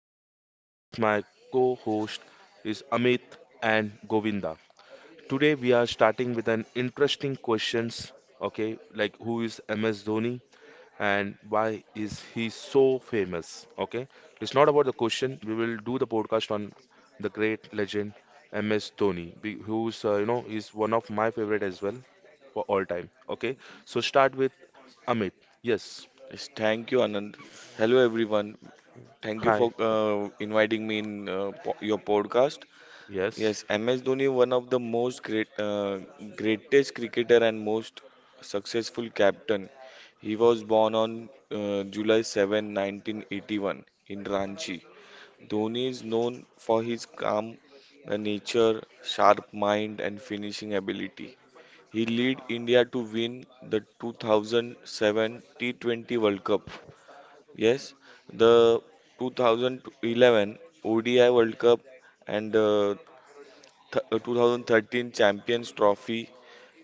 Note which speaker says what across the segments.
Speaker 1: with me is my co-host is Amit and Govinda. Today we are starting with an interesting questions. Okay, like who is MS Dhoni and why is he so famous? Okay, it's not about the question. We will do the podcast on the great legend MS Dhoni, be- who's you know is one of my favorite as well for all time. Okay, so start with Amit. Yes.
Speaker 2: Yes, thank you, Anand. Hello, everyone. Thank you for
Speaker 1: Hi.
Speaker 2: inviting me in your podcast.
Speaker 1: Yes,
Speaker 2: Yes, MS Dhoni, one of the greatest cricketer and most successful captain. He was born on July 7, 1981 in Ranchi. Dhoni is known for his calm nature, sharp mind, and finishing ability. He led India to win the 2007 T20 World Cup, yes, the 2011 ODI World Cup and 2013 Champions Trophy,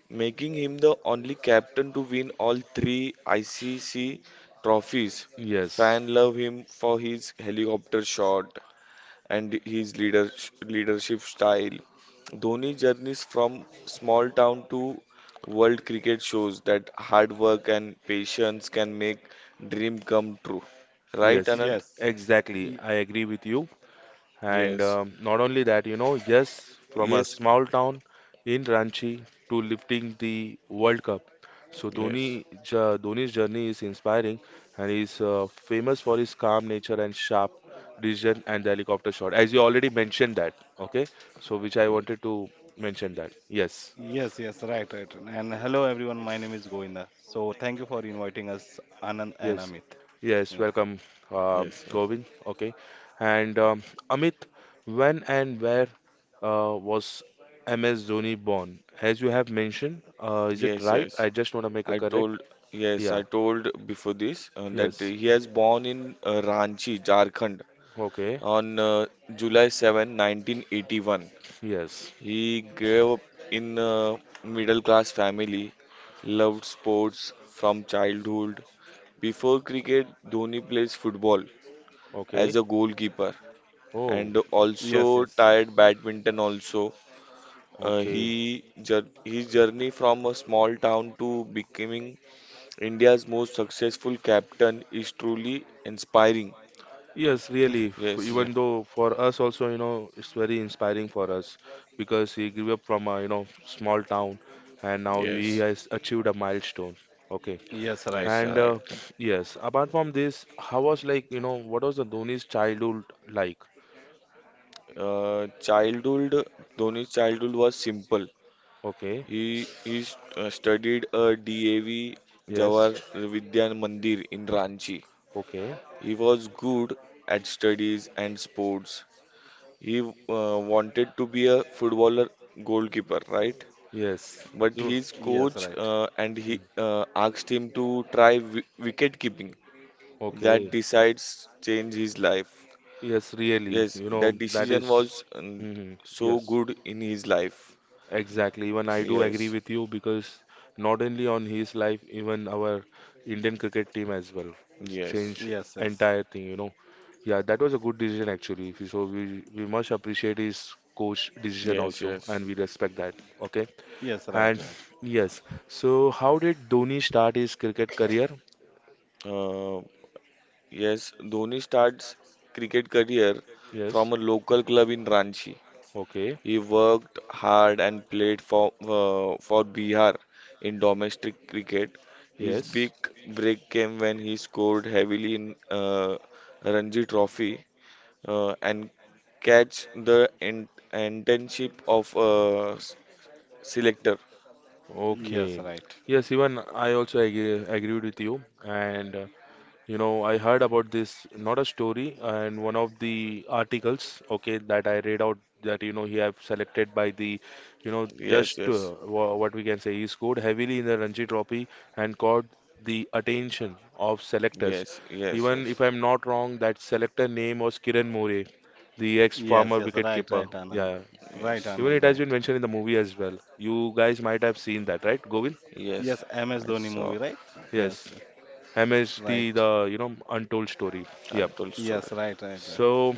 Speaker 2: making him the only captain to win all three ICC trophies.
Speaker 1: yes,
Speaker 2: Fan love him for his helicopter shot and his leadership style. Dhoni's journeys from small town to world cricket shows that hard work and patience can make dream come true. Right,
Speaker 1: yes,
Speaker 2: Anand?
Speaker 3: Yes,
Speaker 1: exactly.
Speaker 3: y-
Speaker 1: I agree with you. And
Speaker 2: Yes,
Speaker 1: um, not only that, yes, from a
Speaker 2: yes,
Speaker 1: small town in Ranchi to lifting the World Cup. So
Speaker 2: yes,
Speaker 1: Dhoni, jo- Dhoni's journey is inspiring, and he's famous for his calm nature and sharp decision and the helicopter shot, as you already mentioned that. Okay, so which I wanted
Speaker 2: yes,
Speaker 1: to mention that. Yes.
Speaker 3: yes, yes, right, right. And hello, everyone. My name is Govinda. So thank you for inviting us, Anand and
Speaker 1: Yes,
Speaker 3: Amit.
Speaker 1: yes,
Speaker 3: Yes,
Speaker 1: welcome,
Speaker 2: yes,
Speaker 1: Govind. Okay, and Amit, when and where was MS Dhoni born? As you have mentioned, is it
Speaker 2: yes,
Speaker 1: right?
Speaker 2: yes.
Speaker 1: I just want to make a
Speaker 2: I
Speaker 1: correct.
Speaker 2: told, yes,
Speaker 1: Yeah,
Speaker 2: I told before this that
Speaker 1: yes,
Speaker 2: he has born in Ranchi, Jharkhand
Speaker 1: okay,
Speaker 2: on July 7, 1981.
Speaker 1: yes,
Speaker 2: He grew up in a middle class family, loved sports from childhood. Before cricket, Dhoni plays football as
Speaker 1: okay.
Speaker 2: a goalkeeper
Speaker 1: Oh,
Speaker 2: and
Speaker 3: yes,
Speaker 2: also
Speaker 3: yes,
Speaker 2: tried badminton also. Uh,
Speaker 1: okay.
Speaker 2: he jour- his journey from a small town to becoming India's most successful captain is truly inspiring.
Speaker 1: Yes, really.
Speaker 3: yeah,
Speaker 2: Yes,
Speaker 1: Even though for us also, it's very inspiring for us because he grew up from a small town and now he
Speaker 2: yes,
Speaker 1: has achieved a milestone. Okay.
Speaker 3: yes, right,
Speaker 2: yes,
Speaker 1: And
Speaker 3: Anand.
Speaker 2: right.
Speaker 1: yes, apart from this, how was like, what was the Dhoni's childhood like?
Speaker 2: Childhood Dhoni's childhood was simple.
Speaker 1: Okay,
Speaker 2: He studied a DAV
Speaker 1: yes,
Speaker 2: Jawahar Vidyan Mandir in Ranchi.
Speaker 1: okay,
Speaker 2: He was good at studies and sports. He wanted to be a footballer goalkeeper, right?
Speaker 1: yes,
Speaker 2: But
Speaker 1: you,
Speaker 2: his
Speaker 3: Yes,
Speaker 2: coach
Speaker 3: right.
Speaker 2: and he
Speaker 1: hmm,
Speaker 2: asked him to try wicket keeping. That
Speaker 1: okay,
Speaker 2: decides change his life.
Speaker 1: yes, really,
Speaker 2: Yes, that
Speaker 1: that
Speaker 2: decision
Speaker 1: is,
Speaker 2: was
Speaker 1: hmm
Speaker 2: so
Speaker 1: yes,
Speaker 2: good in his life.
Speaker 1: exactly. Even I do agree
Speaker 2: Yes,
Speaker 1: with you because not only on his life, even our Indian cricket team as well. It's
Speaker 2: yes,
Speaker 1: changed
Speaker 3: Yes, yes,
Speaker 1: entire thing. Yeah, that was a good decision actually. If you- So we must appreciate his coach decision
Speaker 2: yes,
Speaker 1: also,
Speaker 2: yes.
Speaker 1: and we respect that. Okay.
Speaker 3: yes, right,
Speaker 1: And
Speaker 3: right.
Speaker 1: yes, so how did Dhoni start his cricket career?
Speaker 2: Uh, yes, Dhoni starts cricket career
Speaker 1: Yes,
Speaker 2: from a local club in Ranchi.
Speaker 1: okay,
Speaker 2: He worked hard and played for Bihar in domestic cricket. His big
Speaker 1: yes,
Speaker 2: break came when he scored heavily in Ranji Trophy and catch the internship of selector.
Speaker 3: Yes,
Speaker 1: okay.
Speaker 3: right.
Speaker 1: Yes, even I also agreed with you. And I heard about this, not a story, and one of the articles, okay, that I read out that, he have selected by the,
Speaker 2: Yes,
Speaker 1: just
Speaker 2: yes,
Speaker 1: what we can say, he scored heavily in the Ranji Trophy and caught the attention of selectors.
Speaker 2: yes, yes,
Speaker 1: Even if
Speaker 2: yes,
Speaker 1: I'm not wrong, that selector name was Kiran More, the
Speaker 3: Yes,
Speaker 1: ex-former
Speaker 3: yes, right,
Speaker 1: wicketkeeper.
Speaker 3: right, Anand.
Speaker 1: Yeah.
Speaker 3: Right,
Speaker 2: yes,
Speaker 1: Even
Speaker 3: Anand,
Speaker 1: it has been
Speaker 3: right.
Speaker 1: mentioned in the movie as well. You guys might have seen that, right, Govind?
Speaker 2: yes.
Speaker 3: Yes, MS
Speaker 2: I
Speaker 3: Dhoni
Speaker 2: saw
Speaker 3: movie, right?
Speaker 1: Yes.
Speaker 3: Yes, yes,
Speaker 1: MST,
Speaker 3: right.
Speaker 1: the untold story. Yep.
Speaker 2: untold story.
Speaker 3: Yes, right, right, right.
Speaker 1: So,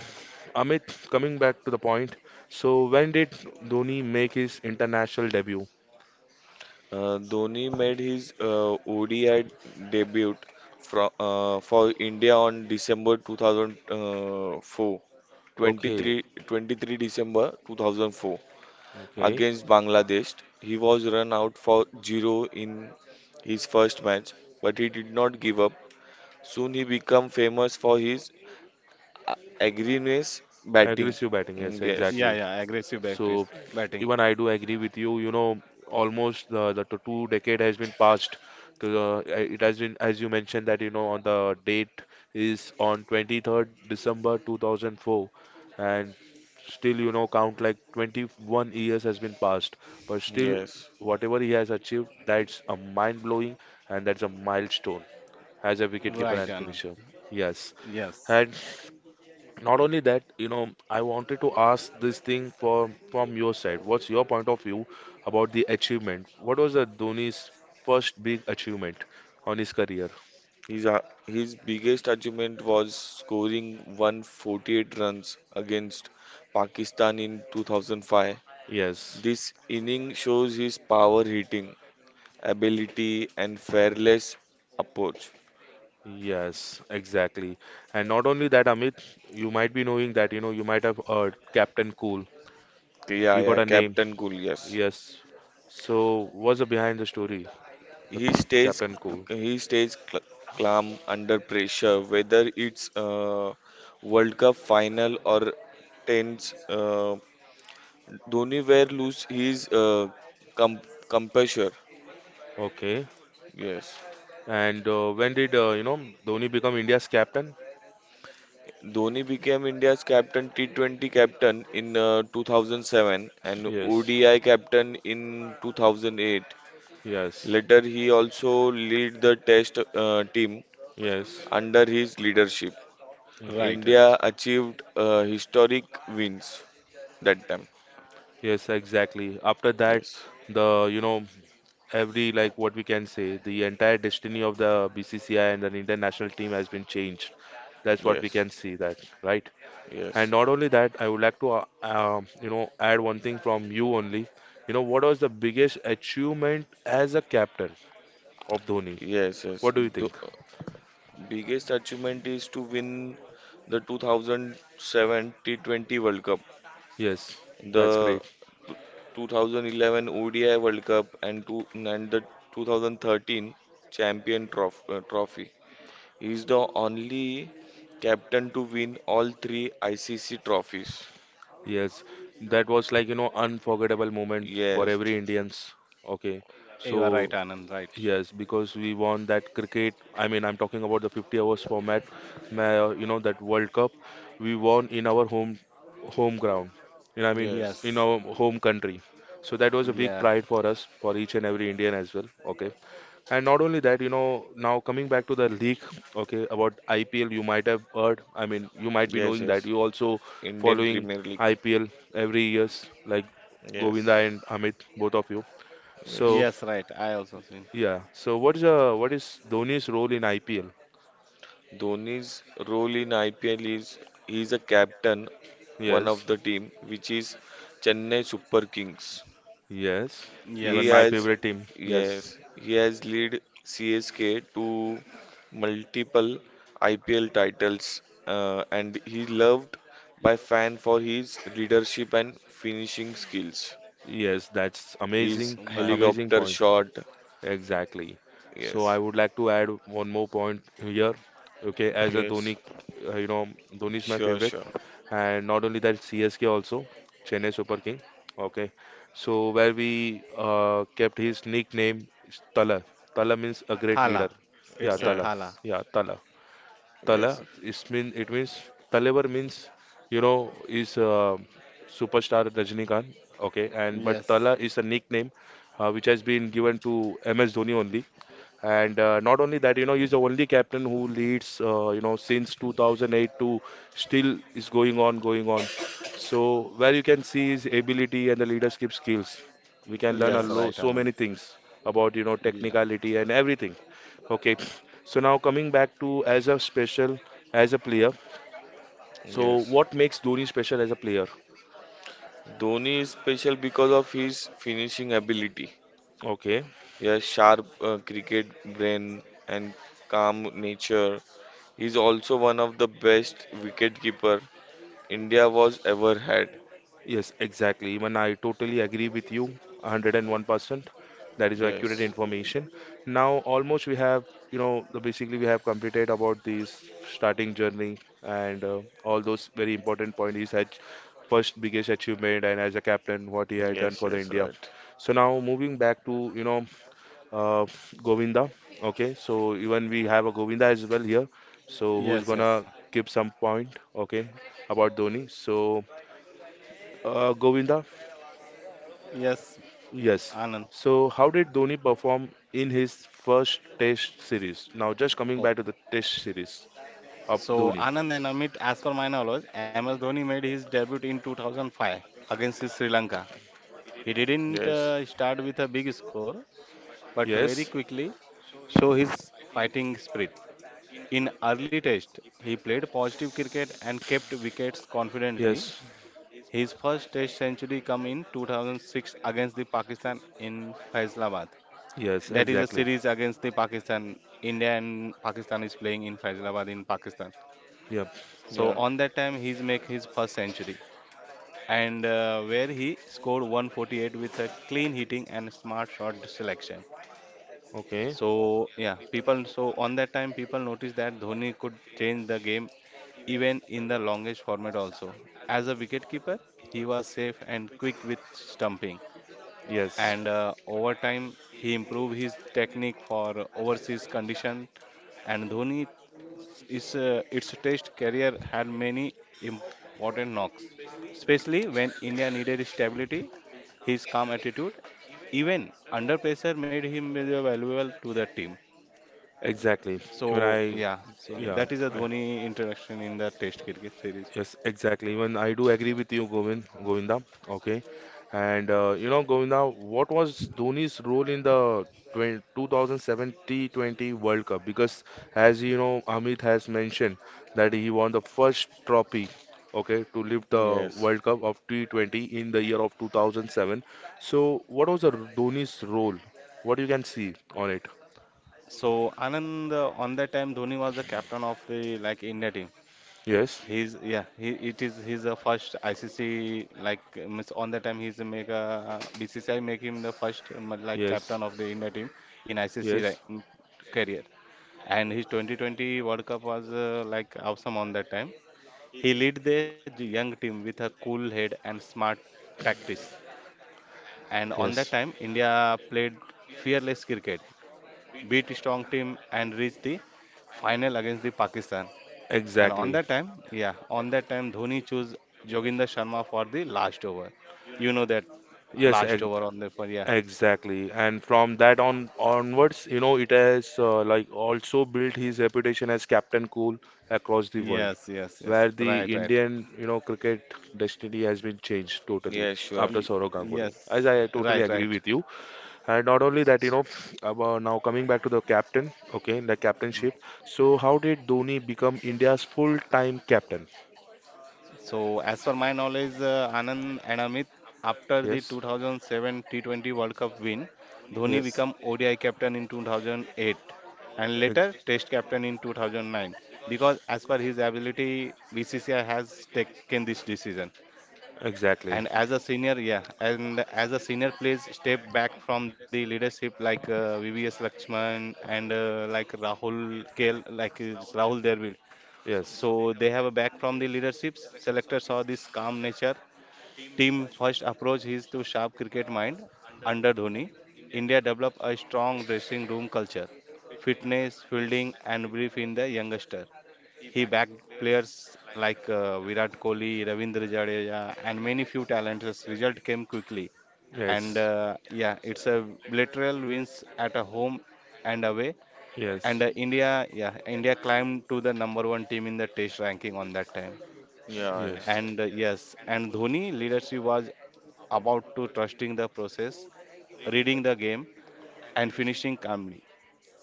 Speaker 1: Amit, coming back to the point, so when did Dhoni make his international debut?
Speaker 2: Dhoni made his ODI debut for India on December 2004,
Speaker 1: Okay,
Speaker 2: 23, twenty-three December 2004
Speaker 1: okay.
Speaker 2: against Bangladesh. He was run out for zero in his first match, but he did not give up. Soon he became famous for his aggressiveness batting.
Speaker 1: Aggressive batting, yes,
Speaker 2: Mm, yes,
Speaker 3: Yeah,
Speaker 1: exactly.
Speaker 3: yeah,
Speaker 1: So
Speaker 3: batting.
Speaker 1: even I do agree with you. Almost the two decade has been passed. It has been, as you mentioned, that on the date is on 23rd December 2004, and still count like 21 years has been passed. But still,
Speaker 2: yes,
Speaker 1: whatever he has achieved, that's a mind blowing and that's a milestone as a wicketkeeper
Speaker 3: Right,
Speaker 1: and
Speaker 2: yes.
Speaker 3: Anand.
Speaker 1: finisher. Yes,
Speaker 3: Yes,
Speaker 1: and not only that, I wanted to ask this thing for from your side. What's your point of view about the achievement? What was the Dhoni's first big achievement on his career?
Speaker 2: His biggest achievement was scoring 148 runs against Pakistan in 2005.
Speaker 1: Yes,
Speaker 2: This inning shows his power hitting ability and fearless approach.
Speaker 1: yes, exactly. And not only that, Amit, you might be knowing that, you might have heard Captain Cool.
Speaker 2: Yeah,
Speaker 1: You got
Speaker 2: yeah,
Speaker 1: a name.
Speaker 2: Captain Cool, yes.
Speaker 1: Yes. So, what's the behind the story? The
Speaker 2: He stays,
Speaker 1: Captain Cool.
Speaker 2: he stays calm under pressure, whether it's World Cup final or tense. Dhoni where lose his com- composure.
Speaker 1: Okay.
Speaker 2: Yes.
Speaker 1: And when did, Dhoni become India's captain?
Speaker 2: Dhoni became India's captain, T20 captain in 2007 and
Speaker 1: Yes.
Speaker 2: ODI captain in 2008.
Speaker 1: Yes.
Speaker 2: Later, he also led the Test team
Speaker 1: Yes.
Speaker 2: under his leadership.
Speaker 1: Mm.
Speaker 3: right,
Speaker 2: India
Speaker 3: right.
Speaker 2: achieved historic wins that time.
Speaker 1: Yes, exactly. After that,
Speaker 2: Yes,
Speaker 1: the you know every like what we can say, the entire destiny of the BCCI and the international team has been changed. That's what we
Speaker 2: yes,
Speaker 1: can see that, right? And
Speaker 2: yes,
Speaker 1: not only that, I would like to add one thing from you only. You know what was the biggest achievement as a captain of Dhoni?
Speaker 2: yes, yes.
Speaker 1: What do you
Speaker 2: The
Speaker 1: think?
Speaker 2: biggest achievement is to win the 2007 T20 World Cup.
Speaker 1: Yes, that's
Speaker 2: The
Speaker 1: great.
Speaker 2: 2011 ODI World Cup and the 2013 Champion Trophy. He is the only captain to win all three ICC trophies.
Speaker 1: Yes, that was like unforgettable moment for
Speaker 2: Yes,
Speaker 1: every Indians. Okay,
Speaker 3: You are right,
Speaker 1: so
Speaker 3: Anand. Right.
Speaker 1: yes, because we won that cricket. I mean, I'm talking about the 50 hours format, that World Cup. We won in our home ground. I mean,
Speaker 2: yes,
Speaker 1: in
Speaker 3: Yes.
Speaker 1: our home country. So that was a big
Speaker 3: Yeah.
Speaker 1: pride for us, for each and every Indian as well. Okay. And not only that, now coming back to the league, okay, about IPL, you might have heard. I mean, you might be
Speaker 2: yes,
Speaker 1: knowing that.
Speaker 2: yes.
Speaker 1: You also
Speaker 2: Indian
Speaker 1: following
Speaker 2: Premier League.
Speaker 1: IPL every years, like Govinda
Speaker 2: Yes,
Speaker 1: and Amit, both of you. So
Speaker 2: yes.
Speaker 3: Yes. Right. I also seen.
Speaker 1: yeah. So what is Dhoni's role in IPL?
Speaker 2: Dhoni's role in IPL is he is a captain one
Speaker 1: Yes.
Speaker 2: of the team which is Chennai Super Kings.
Speaker 1: Yes.
Speaker 2: He
Speaker 1: Even
Speaker 3: Yes.
Speaker 1: my
Speaker 2: has
Speaker 1: favorite team. Yes.
Speaker 2: yes, he has led CSK to multiple IPL titles and he loved by fan for his leadership and finishing skills.
Speaker 1: Yes, that's
Speaker 2: His
Speaker 1: amazing.
Speaker 3: Mm. Right.
Speaker 1: Amazing
Speaker 2: helicopter
Speaker 1: point.
Speaker 2: shot.
Speaker 1: Exactly. So I
Speaker 2: Yes.
Speaker 1: would like to add one more point here. Okay, as a
Speaker 2: Yes.
Speaker 1: Dhoni, Dhoni is my
Speaker 2: Sure,
Speaker 1: favorite,
Speaker 2: sure.
Speaker 1: and not only that, CSK also, Chennai Super King. Okay, so where we kept his nickname is Tala. Tala means a great leader.
Speaker 3: Thala.
Speaker 1: Yeah,
Speaker 3: It's a
Speaker 1: Tala.
Speaker 3: thala.
Speaker 2: Yes.
Speaker 1: Yeah, Tala. Tala
Speaker 2: Yes.
Speaker 1: is mean it means Talevar means is superstar Rajnikant. Okay, and but
Speaker 3: Yes.
Speaker 1: Tala is a nickname which has been given to MS Dhoni only. And not only that, he's the only captain who leads, since 2008 to still is going on, going on. So where you can see his ability and the leadership skills, we can learn a
Speaker 3: Yes.
Speaker 1: lo
Speaker 2: Yes.
Speaker 3: Right,
Speaker 1: so many
Speaker 3: Anand.
Speaker 1: things about,
Speaker 3: Yeah.
Speaker 1: technicality and everything. Okay. So now coming back to as a special, as a player. So
Speaker 2: Yes.
Speaker 1: what makes Dhoni special as a player?
Speaker 2: Dhoni is special because of his finishing ability.
Speaker 1: Okay.
Speaker 2: He has sharp cricket brain and calm nature. He is also one of the best wicketkeeper India was ever had.
Speaker 1: Yes, exactly. Even I totally agree with you, 101%. That is accurate
Speaker 2: Yes.
Speaker 1: information. Now, almost we have, basically we have completed about this starting journey and all those very important points. His first biggest achievement and as a captain, what he had done
Speaker 2: Yes,
Speaker 1: for the
Speaker 2: yes,
Speaker 1: India.
Speaker 2: right.
Speaker 1: So now moving back to, uh, Govinda. Okay, so even we have a Govinda as well here. So who's
Speaker 3: Yes.
Speaker 1: gonna
Speaker 3: Yes.
Speaker 1: give some point? Okay, about Dhoni. So Govinda.
Speaker 3: Yes,
Speaker 1: Yes.
Speaker 3: Anand.
Speaker 1: So, how did Dhoni perform in his first Test series? Now, just coming back to
Speaker 3: Okay.
Speaker 1: the Test series of Dhoni.
Speaker 3: So Anand and Amit, as per my knowledge, MS Dhoni made his debut in 2005 against his Sri Lanka. He didn't
Speaker 2: Yes.
Speaker 3: start with a big score, but very
Speaker 1: Yes,
Speaker 3: quickly show his fighting spirit. In early test, he played positive cricket and kept wickets confidently.
Speaker 1: yes,
Speaker 3: His first test century come in 2006 against the Pakistan in Faisalabad.
Speaker 1: yes,
Speaker 3: That is a
Speaker 1: exactly.
Speaker 3: series against the Pakistan. India and Pakistan is playing in Faisalabad in Pakistan.
Speaker 1: Yep.
Speaker 3: So
Speaker 2: Yeah.
Speaker 3: on that time he's make his first century and where he scored 148 with a clean hitting and smart shot selection.
Speaker 1: Okay.
Speaker 3: So yeah, people. So on that time, people noticed that Dhoni could change the game even in the longest format also. As a wicketkeeper, he was safe and quick with stumping.
Speaker 1: Yes,
Speaker 3: And over time, he improved his technique for overseas condition. And Dhoni is its test career had many important knocks, especially when India needed stability. His calm attitude, even under pressure, made him very valuable to the team.
Speaker 1: exactly. When
Speaker 3: So
Speaker 1: I,
Speaker 3: yeah, so
Speaker 1: yeah,
Speaker 3: that is a
Speaker 1: I
Speaker 3: Dhoni introduction in the Test cricket series.
Speaker 1: yes, exactly. Even I do agree with you, Govinda. Okay. And Govinda, what was Dhoni's role in the 20 World Cup? Because as you know, Amit has mentioned that he won the first trophy, okay, to lift the
Speaker 2: Yes.
Speaker 1: World Cup of T20 in the year of 2007. So, what was the Dhoni's role? What you can see on it?
Speaker 3: So Anand, on that time, Dhoni was the captain of the like India team.
Speaker 1: Yes,
Speaker 3: He's yeah, he it is his first ICC means on that time he's make BCCI make him the first like
Speaker 1: yes,
Speaker 3: captain of the India team in ICC ri-
Speaker 1: yes,
Speaker 3: mm, career. And his 2020 World Cup was like awesome on that time. He lead the young team with a cool head and smart tactics. And on that
Speaker 1: yes.
Speaker 3: time, India played fearless cricket beat strong team and reach the final against the Pakistan. And on
Speaker 1: Exactly.
Speaker 3: that time, yeah, on that time Dhoni chose Joginder Sharma for the last over. You know that
Speaker 1: Yes,
Speaker 3: last
Speaker 1: ex-
Speaker 3: over on the for yeah.
Speaker 1: Exactly, and from that on onwards, it has like also built his reputation as Captain Cool across the world,
Speaker 3: Yes, yes, yes.
Speaker 1: where
Speaker 3: Right,
Speaker 1: the
Speaker 3: right.
Speaker 1: Indian, cricket destiny has been changed totally
Speaker 2: Yes, sure.
Speaker 3: Y-
Speaker 1: after Sourav Ganguly.
Speaker 3: Yes,
Speaker 1: As I
Speaker 3: right,
Speaker 1: totally agree
Speaker 3: right.
Speaker 1: with you, and not only that, about now coming back to the captain, okay, the captainship. So, how did Dhoni become India's full-time captain?
Speaker 3: So, as per my knowledge, Anand and Amit, after the
Speaker 1: Yes.
Speaker 3: 2007 T20 World Cup win, Dhoni
Speaker 1: Yes.
Speaker 3: became ODI captain in 2008 and
Speaker 1: ex-
Speaker 3: later Test captain in 2009 because, as per his ability, BCCI has taken this decision. And
Speaker 1: exactly.
Speaker 3: as a senior, yeah, and as a senior plays step back from the leadership like VVS Lakshman and like Rahul Kel, like is Rahul Dravid,
Speaker 1: Yes,
Speaker 3: so they have a back from the leaderships. Selector saw this calm nature. Team first approach is to sharp cricket mind under Dhoni. India developed a strong dressing room culture, fitness, fielding, and belief in the youngster. He backed players like Virat Kohli, Ravindra Jadeja, and many few talents. Result came quickly, and
Speaker 1: yes,
Speaker 3: yeah, it's a literal wins at a home and away and
Speaker 1: yes,
Speaker 3: India, yeah, India climbed to the number one team in the test ranking on that time.
Speaker 2: Yeah, yeah.
Speaker 1: yes,
Speaker 3: And yes, and Dhoni leadership was about to trusting the process, reading the game, and finishing calmly.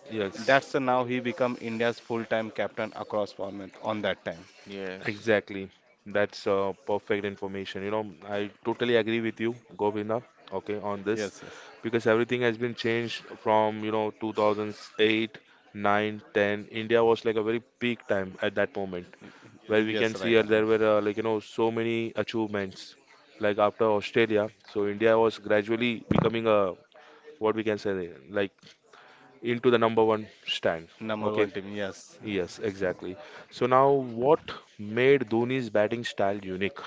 Speaker 1: yes.
Speaker 3: That's the now he become India's full-time captain across format on that time.
Speaker 2: Yes.
Speaker 1: Exactly. That's perfect information. I totally agree with you, Govinda, okay, on
Speaker 3: Yes,
Speaker 1: this
Speaker 3: yes,
Speaker 1: because everything has been changed from, 2008, 9, 10. India was like a very peak time at that moment
Speaker 3: Y-
Speaker 1: where we
Speaker 3: yes,
Speaker 1: can
Speaker 3: right,
Speaker 1: see
Speaker 3: Anand.
Speaker 1: there were like, so many achievements like after Australia. So India was gradually becoming a what we can say like into the number one stand.
Speaker 3: Number
Speaker 1: Okay,
Speaker 3: one team, yes.
Speaker 1: yes, exactly. So now, what made Dhoni's batting style unique?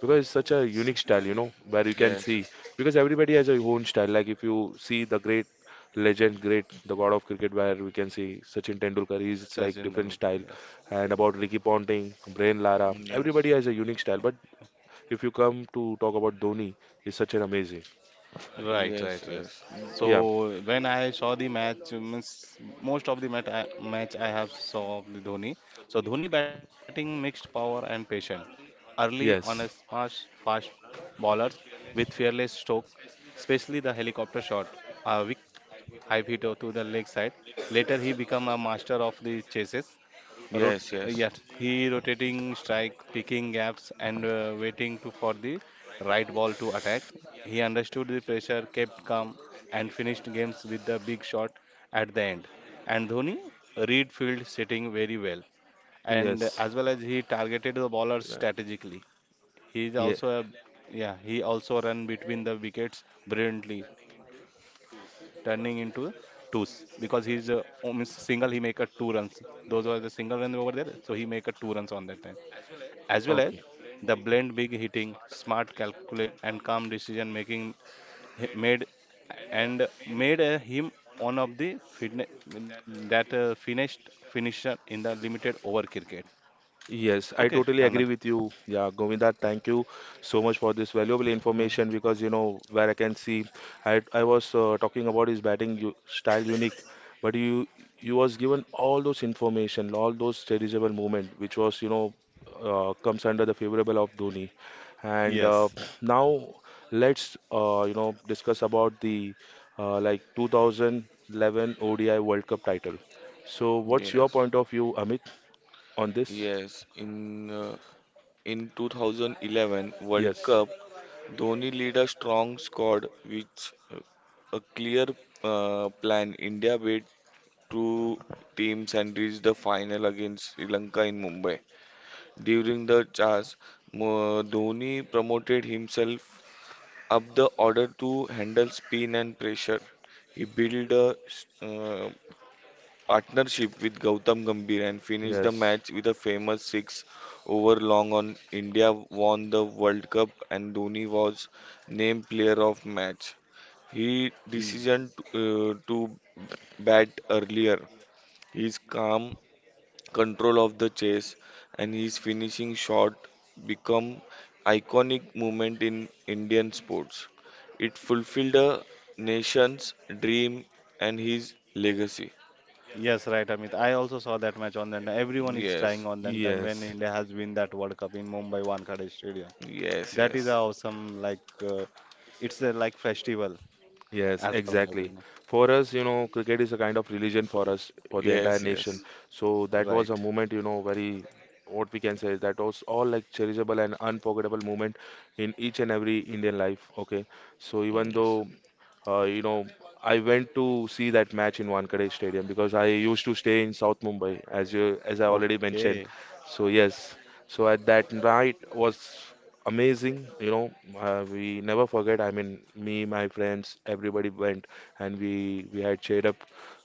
Speaker 1: Because it's such a unique style, where you can
Speaker 2: Yes.
Speaker 1: see because everybody has a own style. Like if you see the great legend, great the god of cricket, where we can see Sachin Tendulkar, he's like
Speaker 3: Sachin
Speaker 1: different
Speaker 3: Tendulkar,
Speaker 1: style,
Speaker 3: yes.
Speaker 1: and about Ricky Ponting, Brian Lara,
Speaker 2: Yes.
Speaker 1: everybody has a unique style. But if you come to talk about Dhoni, he's such an amazing.
Speaker 3: Right, right,
Speaker 2: Yes,
Speaker 3: right.
Speaker 2: yes.
Speaker 1: Yeah.
Speaker 2: Tho-
Speaker 3: So when I saw the match, means most of the match I have saw of the Dhoni. So Dhoni batting mixed power and patience. Early on a
Speaker 1: Yes.
Speaker 3: smash fast bowlers with fearless stroke, especially the helicopter shot, a weak high hit to the leg side. Later he become a master of the chases. Rot-
Speaker 2: Yes, yes.
Speaker 3: yes, he rotating strike, picking gaps, and waiting to for the right ball to attack. He understood the pressure, kept calm, and finished games with the big shot at the end. And Dhoni read field sitting very well, and
Speaker 1: Yes.
Speaker 3: as well as he targeted the bowlers
Speaker 1: Yeah.
Speaker 3: strategically. He is
Speaker 1: Yeah.
Speaker 3: also a yeah, he also run between the wickets brilliantly, turning into twos because he is means single. He make a two runs. Those were the single runs over there, so he make a two runs on that time. As well as
Speaker 1: Okay.
Speaker 3: the blend big hitting, smart calculation, and calm decision making he- made made him one of the fitne- that finished finisher in the limited over cricket.
Speaker 1: Yes, I
Speaker 3: Okay,
Speaker 1: totally agree
Speaker 3: Anand.
Speaker 1: with you. Yeah, Govinda, thank you so much for this valuable
Speaker 3: Hmm.
Speaker 1: information because you know where I can see I was talking about his batting u style unique, but you was given all those information, all those serviceable movement, which was comes under the favorable of Dhoni. And
Speaker 3: Yes.
Speaker 1: now let's discuss about the like 2011 ODI World Cup title. So what's your
Speaker 2: Yes.
Speaker 1: point of view, Amit, on this?
Speaker 2: Yes. In 2011 World
Speaker 1: Yes.
Speaker 2: Cup, Dhoni lead a strong squad with a clear plan. India beat two teams and reached the final against Sri Lanka in Mumbai. During the chase, Dhoni promoted himself up the order to handle spin and pressure. He built a partnership with Gautam Gambhir and finished the
Speaker 1: Yes,
Speaker 2: match with a famous six over long on. India won the World Cup and Dhoni was named player of match. He
Speaker 3: E.
Speaker 2: decision to bat earlier. His calm control of the chase and his finishing shot become iconic moment in Indian sports. It fulfilled a nation's dream and his legacy.
Speaker 3: Yes, right, Amit. I also saw that match on that. Everyone is crying
Speaker 2: Yes.
Speaker 3: on that time when
Speaker 1: yes,
Speaker 3: India has win that World Cup in Mumbai Wankhede Stadium.
Speaker 2: Yes,
Speaker 3: That is a
Speaker 2: yes.
Speaker 3: awesome, it's a like festival
Speaker 1: yes,
Speaker 3: as per my
Speaker 1: exactly.
Speaker 3: opinion.
Speaker 1: For us, cricket is a kind of religion for
Speaker 2: F-
Speaker 1: us, for the entire
Speaker 2: Yes,
Speaker 1: nation.
Speaker 2: yes.
Speaker 1: So that was
Speaker 3: Right.
Speaker 1: a moment, very, what we can say, that was all like cherishable and unforgettable moment in each and every Indian life. Okay. So even though
Speaker 2: Yes.
Speaker 1: Uh, you know, I went to see that match in Wankhede Stadium because I used to stay in South Mumbai, as you as I already mentioned.
Speaker 3: Okay.
Speaker 1: So yes, so at that night was amazing. We never forget. I mean, me, my friends, everybody went, and we had cheered up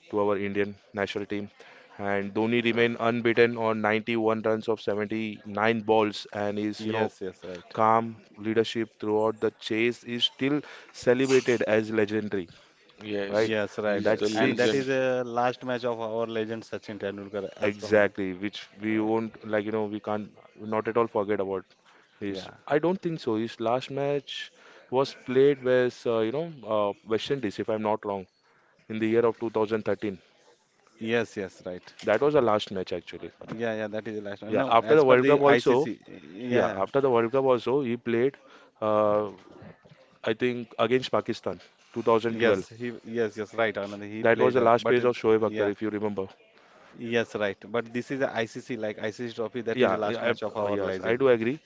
Speaker 1: to our Indian national team. And Dhoni
Speaker 2: Uh,
Speaker 1: remained unbeaten on 91 runs of 79 balls, and is
Speaker 3: Yes, yes, right.
Speaker 1: calm leadership throughout the chase is still celebrated as legendary,
Speaker 2: Yes.
Speaker 1: right?
Speaker 3: Yes, right.
Speaker 2: He's
Speaker 1: That
Speaker 2: the
Speaker 3: And
Speaker 1: six
Speaker 3: that
Speaker 2: legend.
Speaker 3: is the last match of our legend Sachin Tendulkar as per my
Speaker 1: exactly, which we
Speaker 3: right.
Speaker 1: won't like, we can't not at all forget about. Is
Speaker 3: Yeah.
Speaker 1: I don't think so. His last match was played with West Indies, if I'm not wrong, in the year of 2013.
Speaker 3: Yes, yes, right.
Speaker 1: That was the last match actually.
Speaker 3: Yeah, yeah, that is the last one.
Speaker 1: Yeah,
Speaker 3: No,
Speaker 1: after
Speaker 3: as
Speaker 1: the
Speaker 3: per
Speaker 1: World Cup
Speaker 3: the
Speaker 1: also.
Speaker 3: ICC,
Speaker 1: Yeah,
Speaker 3: yeah,
Speaker 1: after the World Cup also, he played. Uh, I think against Pakistan, 2012.
Speaker 3: yes, yes, right, Anand, he
Speaker 1: That was
Speaker 3: played
Speaker 1: the
Speaker 3: that,
Speaker 1: last
Speaker 3: but
Speaker 1: page of Shoaib Akhtar,
Speaker 3: yeah.
Speaker 1: if you remember.
Speaker 3: Yes, right. But this is a ICC, like ICC trophy, that is
Speaker 1: Yeah,
Speaker 3: the last match of our
Speaker 1: yes, I
Speaker 3: legend.
Speaker 1: do agree.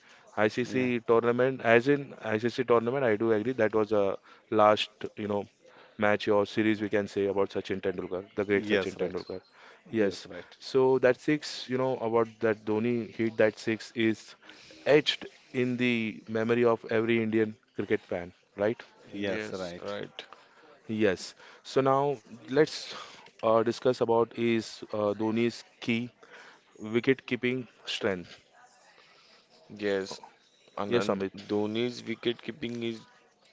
Speaker 3: Yeah.
Speaker 1: ICC tournament, as in ICC tournament, I do agree. That was the last, you know, match or series we can say about Sachin Tendulkar, the great
Speaker 3: Yes,
Speaker 1: Sachin
Speaker 3: right.
Speaker 1: Tendulkar.
Speaker 3: Yes,
Speaker 1: Yes.
Speaker 3: right.
Speaker 1: So that six, about that Dhoni hit that six is etched in the memory of every Indian cricket fan, right?
Speaker 3: Yes,
Speaker 2: Yes,
Speaker 3: right.
Speaker 2: right.
Speaker 1: Yes. So now let's discuss about is Dhoni's key wicket keeping strength.
Speaker 2: Yes.
Speaker 1: Yes,
Speaker 2: Anand
Speaker 1: Amit.
Speaker 2: Dhoni's wicket keeping is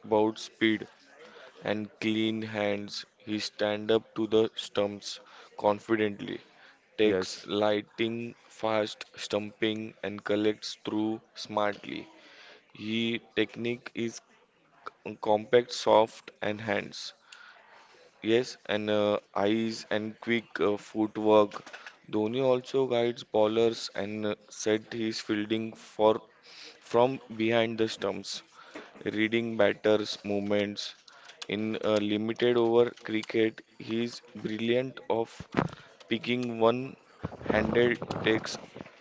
Speaker 2: about speed and clean hands. He stand up to the stumps confidently, takes
Speaker 1: Yes.
Speaker 2: lighting fast stumping and collects through smartly. He technique is compact, soft and hands. Yes, and eyes and quick footwork. Dhoni also guides bowlers and set his fielding for from behind the stumps, reading batters' movements. In limited over cricket, he is brilliant of picking one-handed takes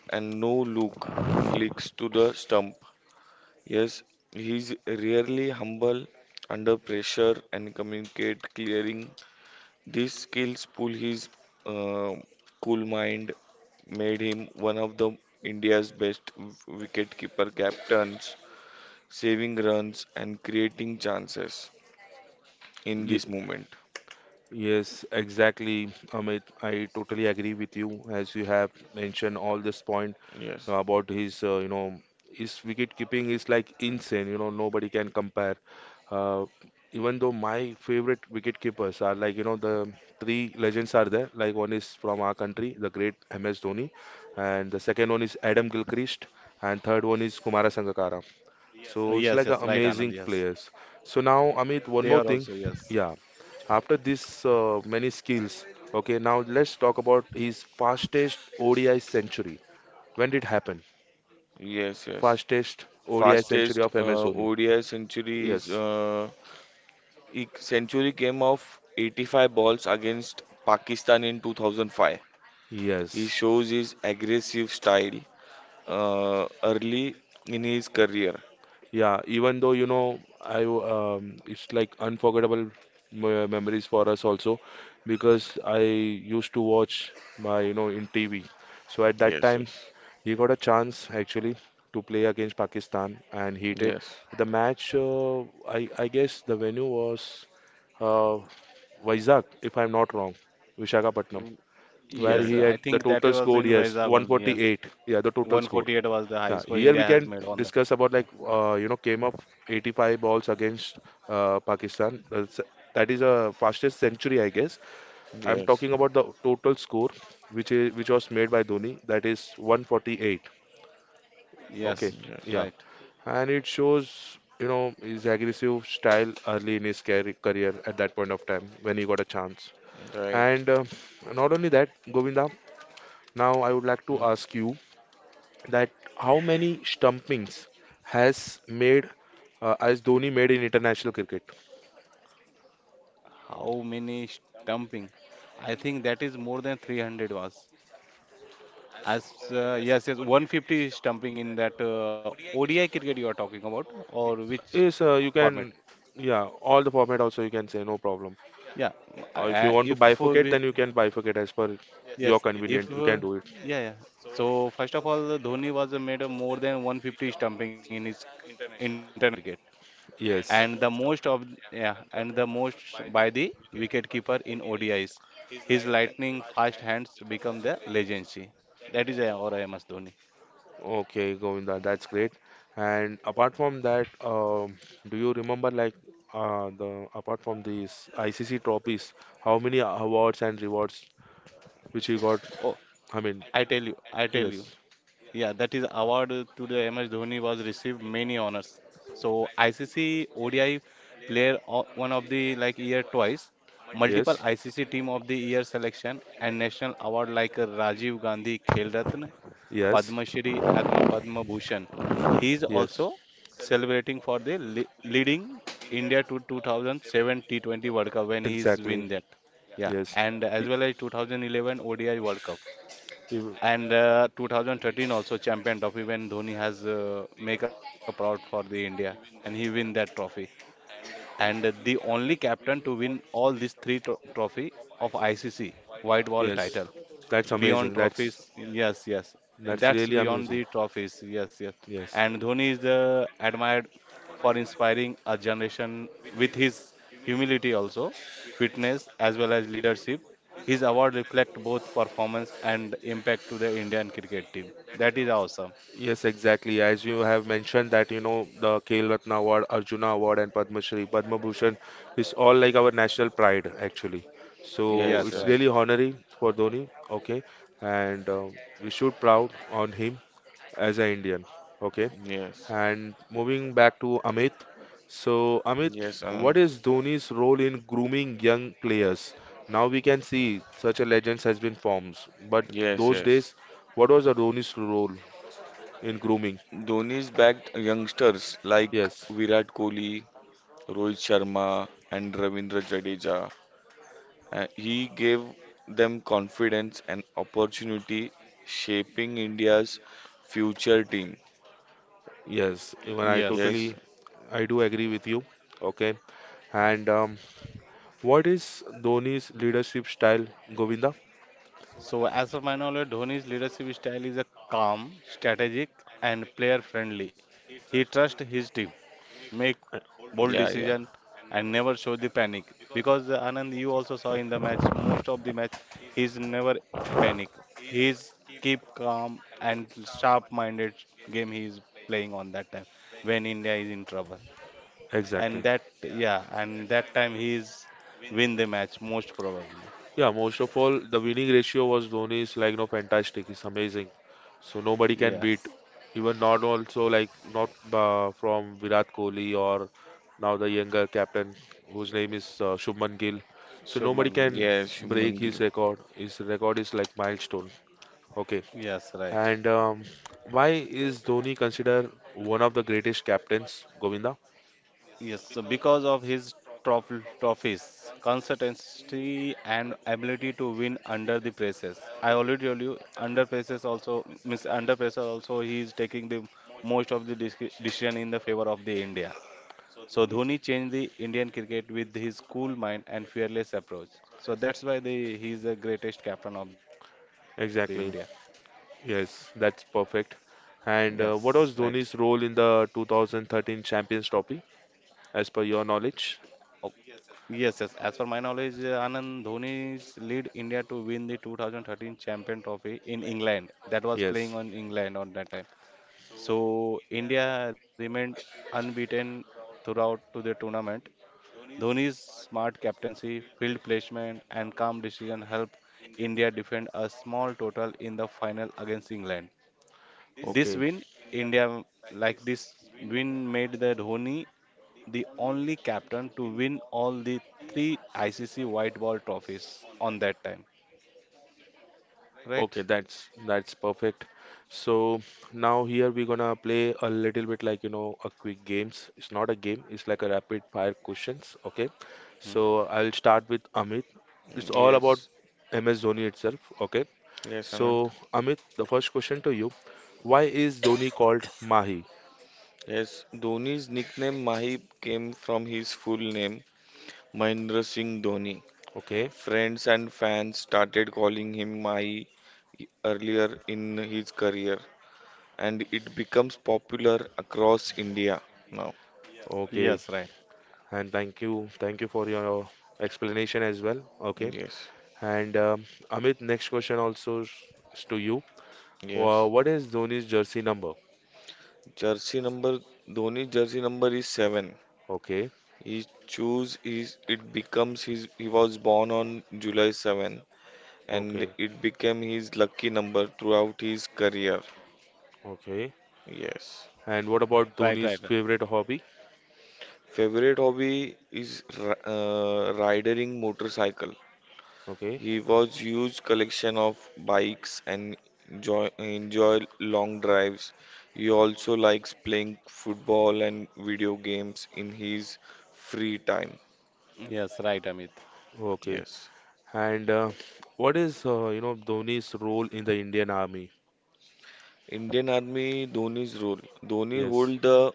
Speaker 2: and no look flicks to the stump. Yes, he is rarely humble under pressure and communicate clearing these skills pull his uh, cool mind made him one of the India's best wicketkeeper captains, saving runs and creating chances in
Speaker 1: Ye-
Speaker 2: this moment.
Speaker 1: yes, exactly, Amit. I totally agree with you as you have mentioned all this point
Speaker 2: Yes,
Speaker 1: about his, his wicket keeping is like insane. You know, nobody can compare. Uh, Even though my favorite wicket keepers are like, the three legends are there. Like one is from our country, the great MS Dhoni, and the second one is Adam Gilchrist, and third one is Kumara Sangakkara.
Speaker 3: Yes,
Speaker 1: So it's
Speaker 3: yes,
Speaker 1: like
Speaker 3: right,
Speaker 1: an
Speaker 3: Anand.
Speaker 1: amazing
Speaker 3: Yes.
Speaker 1: players. So now, Amit,
Speaker 3: They
Speaker 1: one
Speaker 3: are
Speaker 1: more
Speaker 3: also,
Speaker 1: thing.
Speaker 3: yes.
Speaker 1: Yeah, after this many skills, okay, now let's talk about his fastest ODI century. When did happen?
Speaker 2: yes, yes.
Speaker 1: Fastest ODI century
Speaker 2: Fastest
Speaker 1: of MS Dhoni.
Speaker 2: ODI century is
Speaker 1: Yes,
Speaker 2: uh, e- century came off 85 balls against Pakistan in 2005. He
Speaker 1: yes.
Speaker 2: shows his aggressive style early in his career.
Speaker 1: Yeah, even though you know, it's like unforgettable memories for us also because I used to watch my you know in TV. So at that
Speaker 2: Yes,
Speaker 1: time,
Speaker 2: yes.
Speaker 1: he got a chance actually to play against Pakistan, and he did.
Speaker 2: Yes.
Speaker 1: The match, I guess the venue was uh, Vizag, if I'm not wrong, Visakhapatnam,
Speaker 3: W-
Speaker 1: where
Speaker 2: Yes.
Speaker 3: Yes,
Speaker 1: he
Speaker 3: I
Speaker 1: had the
Speaker 3: think that
Speaker 1: total
Speaker 3: was
Speaker 1: score,
Speaker 3: in
Speaker 1: yes,
Speaker 3: Vizag only. Yes.
Speaker 1: 148. Yeah, the total score.
Speaker 3: 148 was the high
Speaker 1: Yeah,
Speaker 3: score
Speaker 1: here
Speaker 3: India
Speaker 1: we
Speaker 3: has
Speaker 1: can
Speaker 3: made on that
Speaker 1: discuss
Speaker 3: time.
Speaker 1: about like came up 85 balls against Pakistan. That is a fastest century, I guess.
Speaker 2: Yes.
Speaker 1: I'm
Speaker 2: Yes.
Speaker 1: talking about the total score, which was made by Dhoni. That is 148.
Speaker 3: Yes,
Speaker 1: Okay,
Speaker 2: Yes.
Speaker 3: right.
Speaker 1: yeah. And it shows you know his aggressive style early in his career at that point of time when he got a chance
Speaker 2: Right.
Speaker 1: and not only that, Govinda, now I would like to
Speaker 3: Hmm.
Speaker 1: ask you that how many stumpings has made as Dhoni made in international cricket.
Speaker 3: How many stumping? I think that is more than 300 was. As yes, yes, 150 stumping in that ODI cricket you are talking about, or which
Speaker 1: Yes, you can,
Speaker 3: format
Speaker 1: yeah, all the format also you can say, no problem,
Speaker 3: yeah.
Speaker 1: or if you want to
Speaker 3: If
Speaker 1: bifurcate
Speaker 3: we
Speaker 1: then you can bifurcate as per
Speaker 3: Yes.
Speaker 1: your
Speaker 3: if
Speaker 1: convenient you can do it.
Speaker 3: Yeah, yeah, so first of all Dhoni was made a more than 150 stumping in his international cricket
Speaker 1: Yes.
Speaker 3: and the most of yeah and the most by the wicketkeeper in ODIs. His lightning fast hands become the legacy that is or MS Dhoni.
Speaker 1: Okay, Govinda, that's great. And apart from that, do you remember like the apart from these ICC trophies, how many awards and rewards which you got?
Speaker 3: Oh,
Speaker 1: I mean,
Speaker 3: i tell you I tell you.
Speaker 1: yes,
Speaker 3: Yeah, that is award to the MS Dhoni was received many honors. So ICC ODI one of the like year twice, multiple
Speaker 1: yes,
Speaker 3: ICC team of the year selection and national award like Rajiv Gandhi Khel Ratna,
Speaker 1: yes,
Speaker 3: Padma Shri and Padma Bhushan. He is
Speaker 1: yes,
Speaker 3: also celebrating for the le leading India to 2007 T20 World Cup when he is
Speaker 1: exactly,
Speaker 3: win that. Yeah,
Speaker 1: yes,
Speaker 3: and
Speaker 1: Y-
Speaker 3: as well as 2011 ODI World Cup.
Speaker 1: y-
Speaker 3: And 2013 also champion trophy when Dhoni has make a proud for the India and he win that trophy. And the only captain to win all these three trophy of ICC white ball
Speaker 1: yes.
Speaker 3: title.
Speaker 1: That's
Speaker 3: Beyond
Speaker 1: amazing.
Speaker 3: trophies, yes, yes.
Speaker 1: That's
Speaker 3: That's
Speaker 1: really
Speaker 3: beyond
Speaker 1: amazing.
Speaker 3: the trophies, yes, yes.
Speaker 1: Yes.
Speaker 3: And Dhoni is admired for inspiring a generation with his humility also, fitness as well as leadership. His award reflect both performance and impact to the Indian cricket team. That is awesome.
Speaker 1: Yes, exactly. As you have mentioned that, you know, the Khel Ratna Award, Arjuna Award, and Padma Shri, Padma Bhushan is all like our national pride, actually. So
Speaker 2: Yes. Yes.
Speaker 3: Yes,
Speaker 1: it's
Speaker 3: right.
Speaker 2: Yes.
Speaker 1: really honoring for Dhoni, okay, and we should proud on him as an Indian, okay. And moving back to Amit. So Amit,
Speaker 2: Yes.
Speaker 1: what
Speaker 2: And
Speaker 1: is Dhoni's role in grooming young players? Now we can see such a legend has been formed, but
Speaker 2: yes.
Speaker 1: those
Speaker 2: Yes.
Speaker 1: days, what was the Dhoni's role in grooming?
Speaker 2: Dhoni's backed youngsters like
Speaker 1: Yes,
Speaker 2: Virat Kohli, Rohit Sharma, and Ravindra Jadeja. He gave them confidence and opportunity, shaping India's future team.
Speaker 1: yes, even I
Speaker 3: Yes.
Speaker 2: Yes.
Speaker 1: totally, I do agree with you. Okay, and what is Dhoni's leadership style, Govinda?
Speaker 3: So as of my knowledge, Dhoni's leadership style is a calm, strategic, and player-friendly. He trusts his team, make bold
Speaker 2: Yeah. Yeah.
Speaker 3: decision and never show the panic because Anand you also saw in the match most of the match he's never panic. He's keep calm and sharp minded game he is playing on that time when India is in trouble, and
Speaker 1: Exactly.
Speaker 3: that yeah and that time he is win the match most probably.
Speaker 1: Yeah, most of all, the winning ratio was Dhoni's like no fantastic. It's amazing. So nobody can beat,
Speaker 3: Yes,
Speaker 1: even not also like not from Virat Kohli or now the younger captain whose name is Shubman Gill. So nobody
Speaker 3: Shubman Gill,
Speaker 1: can
Speaker 3: yes.
Speaker 2: Yes.
Speaker 1: break
Speaker 2: Shubman
Speaker 1: his
Speaker 2: Gill.
Speaker 1: record. His record is like milestone. Okay.
Speaker 3: Yes, right.
Speaker 1: And why is Dhoni considered one of the greatest captains, Govinda?
Speaker 3: Yes, so because of his trof trophies, consistency, and ability to win under the presses. I already told you, under presses also means under pressure also he is taking the most of the decision in the favor of the India. So Dhoni changed the Indian cricket with his cool mind and fearless approach. So that's why he is the greatest captain of the India.
Speaker 1: Exactly. Yes, that's perfect.
Speaker 3: Yes, right.
Speaker 1: And what was Dhoni's role in the 2013 Champions Trophy, as per your knowledge?
Speaker 3: Yes, yes. As per my knowledge, Anand Dhoni's lead India to win the 2013 Champion Trophy in England. That was playing
Speaker 1: Yes.
Speaker 3: on England on that time. So India remained unbeaten throughout to the tournament. Dhoni's smart captaincy, field placement, and calm decision helped India defend a small total in the final against England. This
Speaker 1: Okay.
Speaker 3: win, India like this win made the Dhoni the only captain to win all the three ICC white ball trophies on that time, right?
Speaker 1: Okay, that's perfect. So now here we're gonna play a little bit like you know a quick games. It's not a game. It's like a rapid fire questions. Okay.
Speaker 3: Hmm?
Speaker 1: So I'll start with Amit. It's all about
Speaker 2: Yes.
Speaker 1: MS Dhoni itself. Okay.
Speaker 2: Yes.
Speaker 1: So,
Speaker 2: Anand.
Speaker 1: Amit, the first question to you. Why is Dhoni called Mahi?
Speaker 2: Yes, Dhoni's nickname Mahip came from his full name, Mahendra Singh Dhoni.
Speaker 1: Okay,
Speaker 2: Friends and fans started calling him Mahi earlier in his career, and it becomes popular across India now.
Speaker 3: Yes,
Speaker 1: okay,
Speaker 3: right,
Speaker 1: and thank you for your explanation as well. Okay,
Speaker 2: Yes,
Speaker 1: and Amit, next question also is to you.
Speaker 2: yes.
Speaker 1: What is Dhoni's jersey number?
Speaker 2: Jersey number Dhoni jersey number is seven.
Speaker 1: Okay,
Speaker 2: He choose his it becomes his he was born on July 7
Speaker 1: okay,
Speaker 2: and it became his lucky number throughout his career.
Speaker 1: okay.
Speaker 2: Yes.
Speaker 1: And what about
Speaker 3: right, right,
Speaker 1: Dhoni's
Speaker 3: right.
Speaker 1: favorite hobby?
Speaker 2: Favorite hobby is riding motorcycle.
Speaker 1: Okay,
Speaker 2: He was huge collection of bikes and enjoy long drives. He also likes playing football and video games in his free time.
Speaker 3: Yes, right, Amit.
Speaker 1: okay.
Speaker 2: Yes.
Speaker 1: And what is Dhoni's role in the Indian Army?
Speaker 2: Indian Army Dhoni's role. Dhoni
Speaker 1: Yes,
Speaker 2: hold the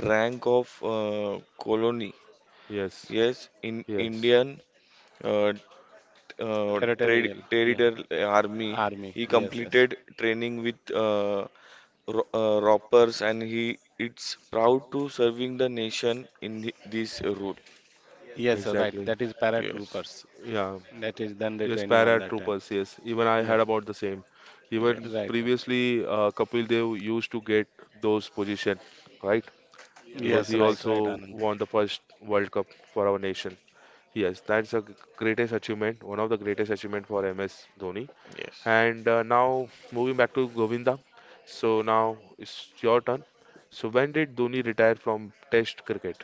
Speaker 2: rank of colony.
Speaker 1: yes,
Speaker 2: Yes, in
Speaker 1: yes,
Speaker 2: Indian uh,
Speaker 3: Territorial, yeah,
Speaker 2: trader
Speaker 3: yeah,
Speaker 2: army.
Speaker 3: army.
Speaker 2: He
Speaker 3: Yes, yes,
Speaker 2: completed training with roppers, and he it's proud to serving the nation in this role.
Speaker 3: yes, sir, right.
Speaker 1: exactly.
Speaker 3: That is
Speaker 2: Yes,
Speaker 3: paratroopers.
Speaker 1: Yeah.
Speaker 3: That is then the
Speaker 1: Yes,
Speaker 3: training on that time.
Speaker 1: paratroopers. Yes, even I heard
Speaker 3: Yes,
Speaker 1: about the same.
Speaker 3: sir,
Speaker 1: Even
Speaker 2: yes,
Speaker 3: right, right.
Speaker 1: previously, Kapil Dev used to get those position, right? Because
Speaker 2: yes,
Speaker 3: Yes,
Speaker 1: he
Speaker 3: right,
Speaker 2: yes,
Speaker 3: right,
Speaker 1: also
Speaker 3: Anand.
Speaker 1: won the first World Cup for our nation. Yes, that's a greatest achievement, one of the greatest achievement for MS Dhoni.
Speaker 2: yes,
Speaker 1: And now moving back to Govinda. So now it's your turn. So when did Dhoni retire from Test cricket?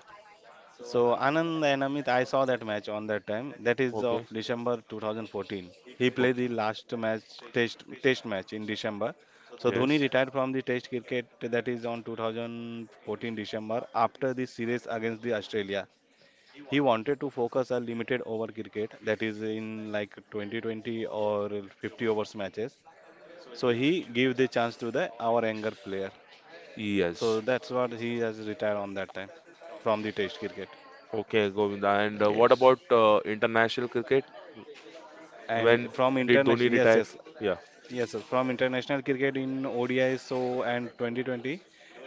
Speaker 3: So Anand and Amit, I saw that match on that time. That is
Speaker 1: Okay,
Speaker 3: of December 2014. He played
Speaker 1: okay.
Speaker 3: the last match, test match in December. So Dhoni
Speaker 1: Yes,
Speaker 3: retired from the test cricket that is on 2014 December after the series against the Australia. He wanted to focus on limited over cricket, that is in like 2020 or 50 overs matches. So he gave the chance to the our younger player. So
Speaker 1: yes.
Speaker 3: that's what he has retired on that time from the test cricket.
Speaker 1: Okay, Govinda. And what
Speaker 2: yes,
Speaker 1: about international cricket?
Speaker 3: And
Speaker 1: When
Speaker 3: from
Speaker 1: did Dhoni
Speaker 3: international, yes,
Speaker 1: retire?
Speaker 3: yes,
Speaker 1: Yeah,
Speaker 3: yes, yes, from international cricket in ODI so and 2020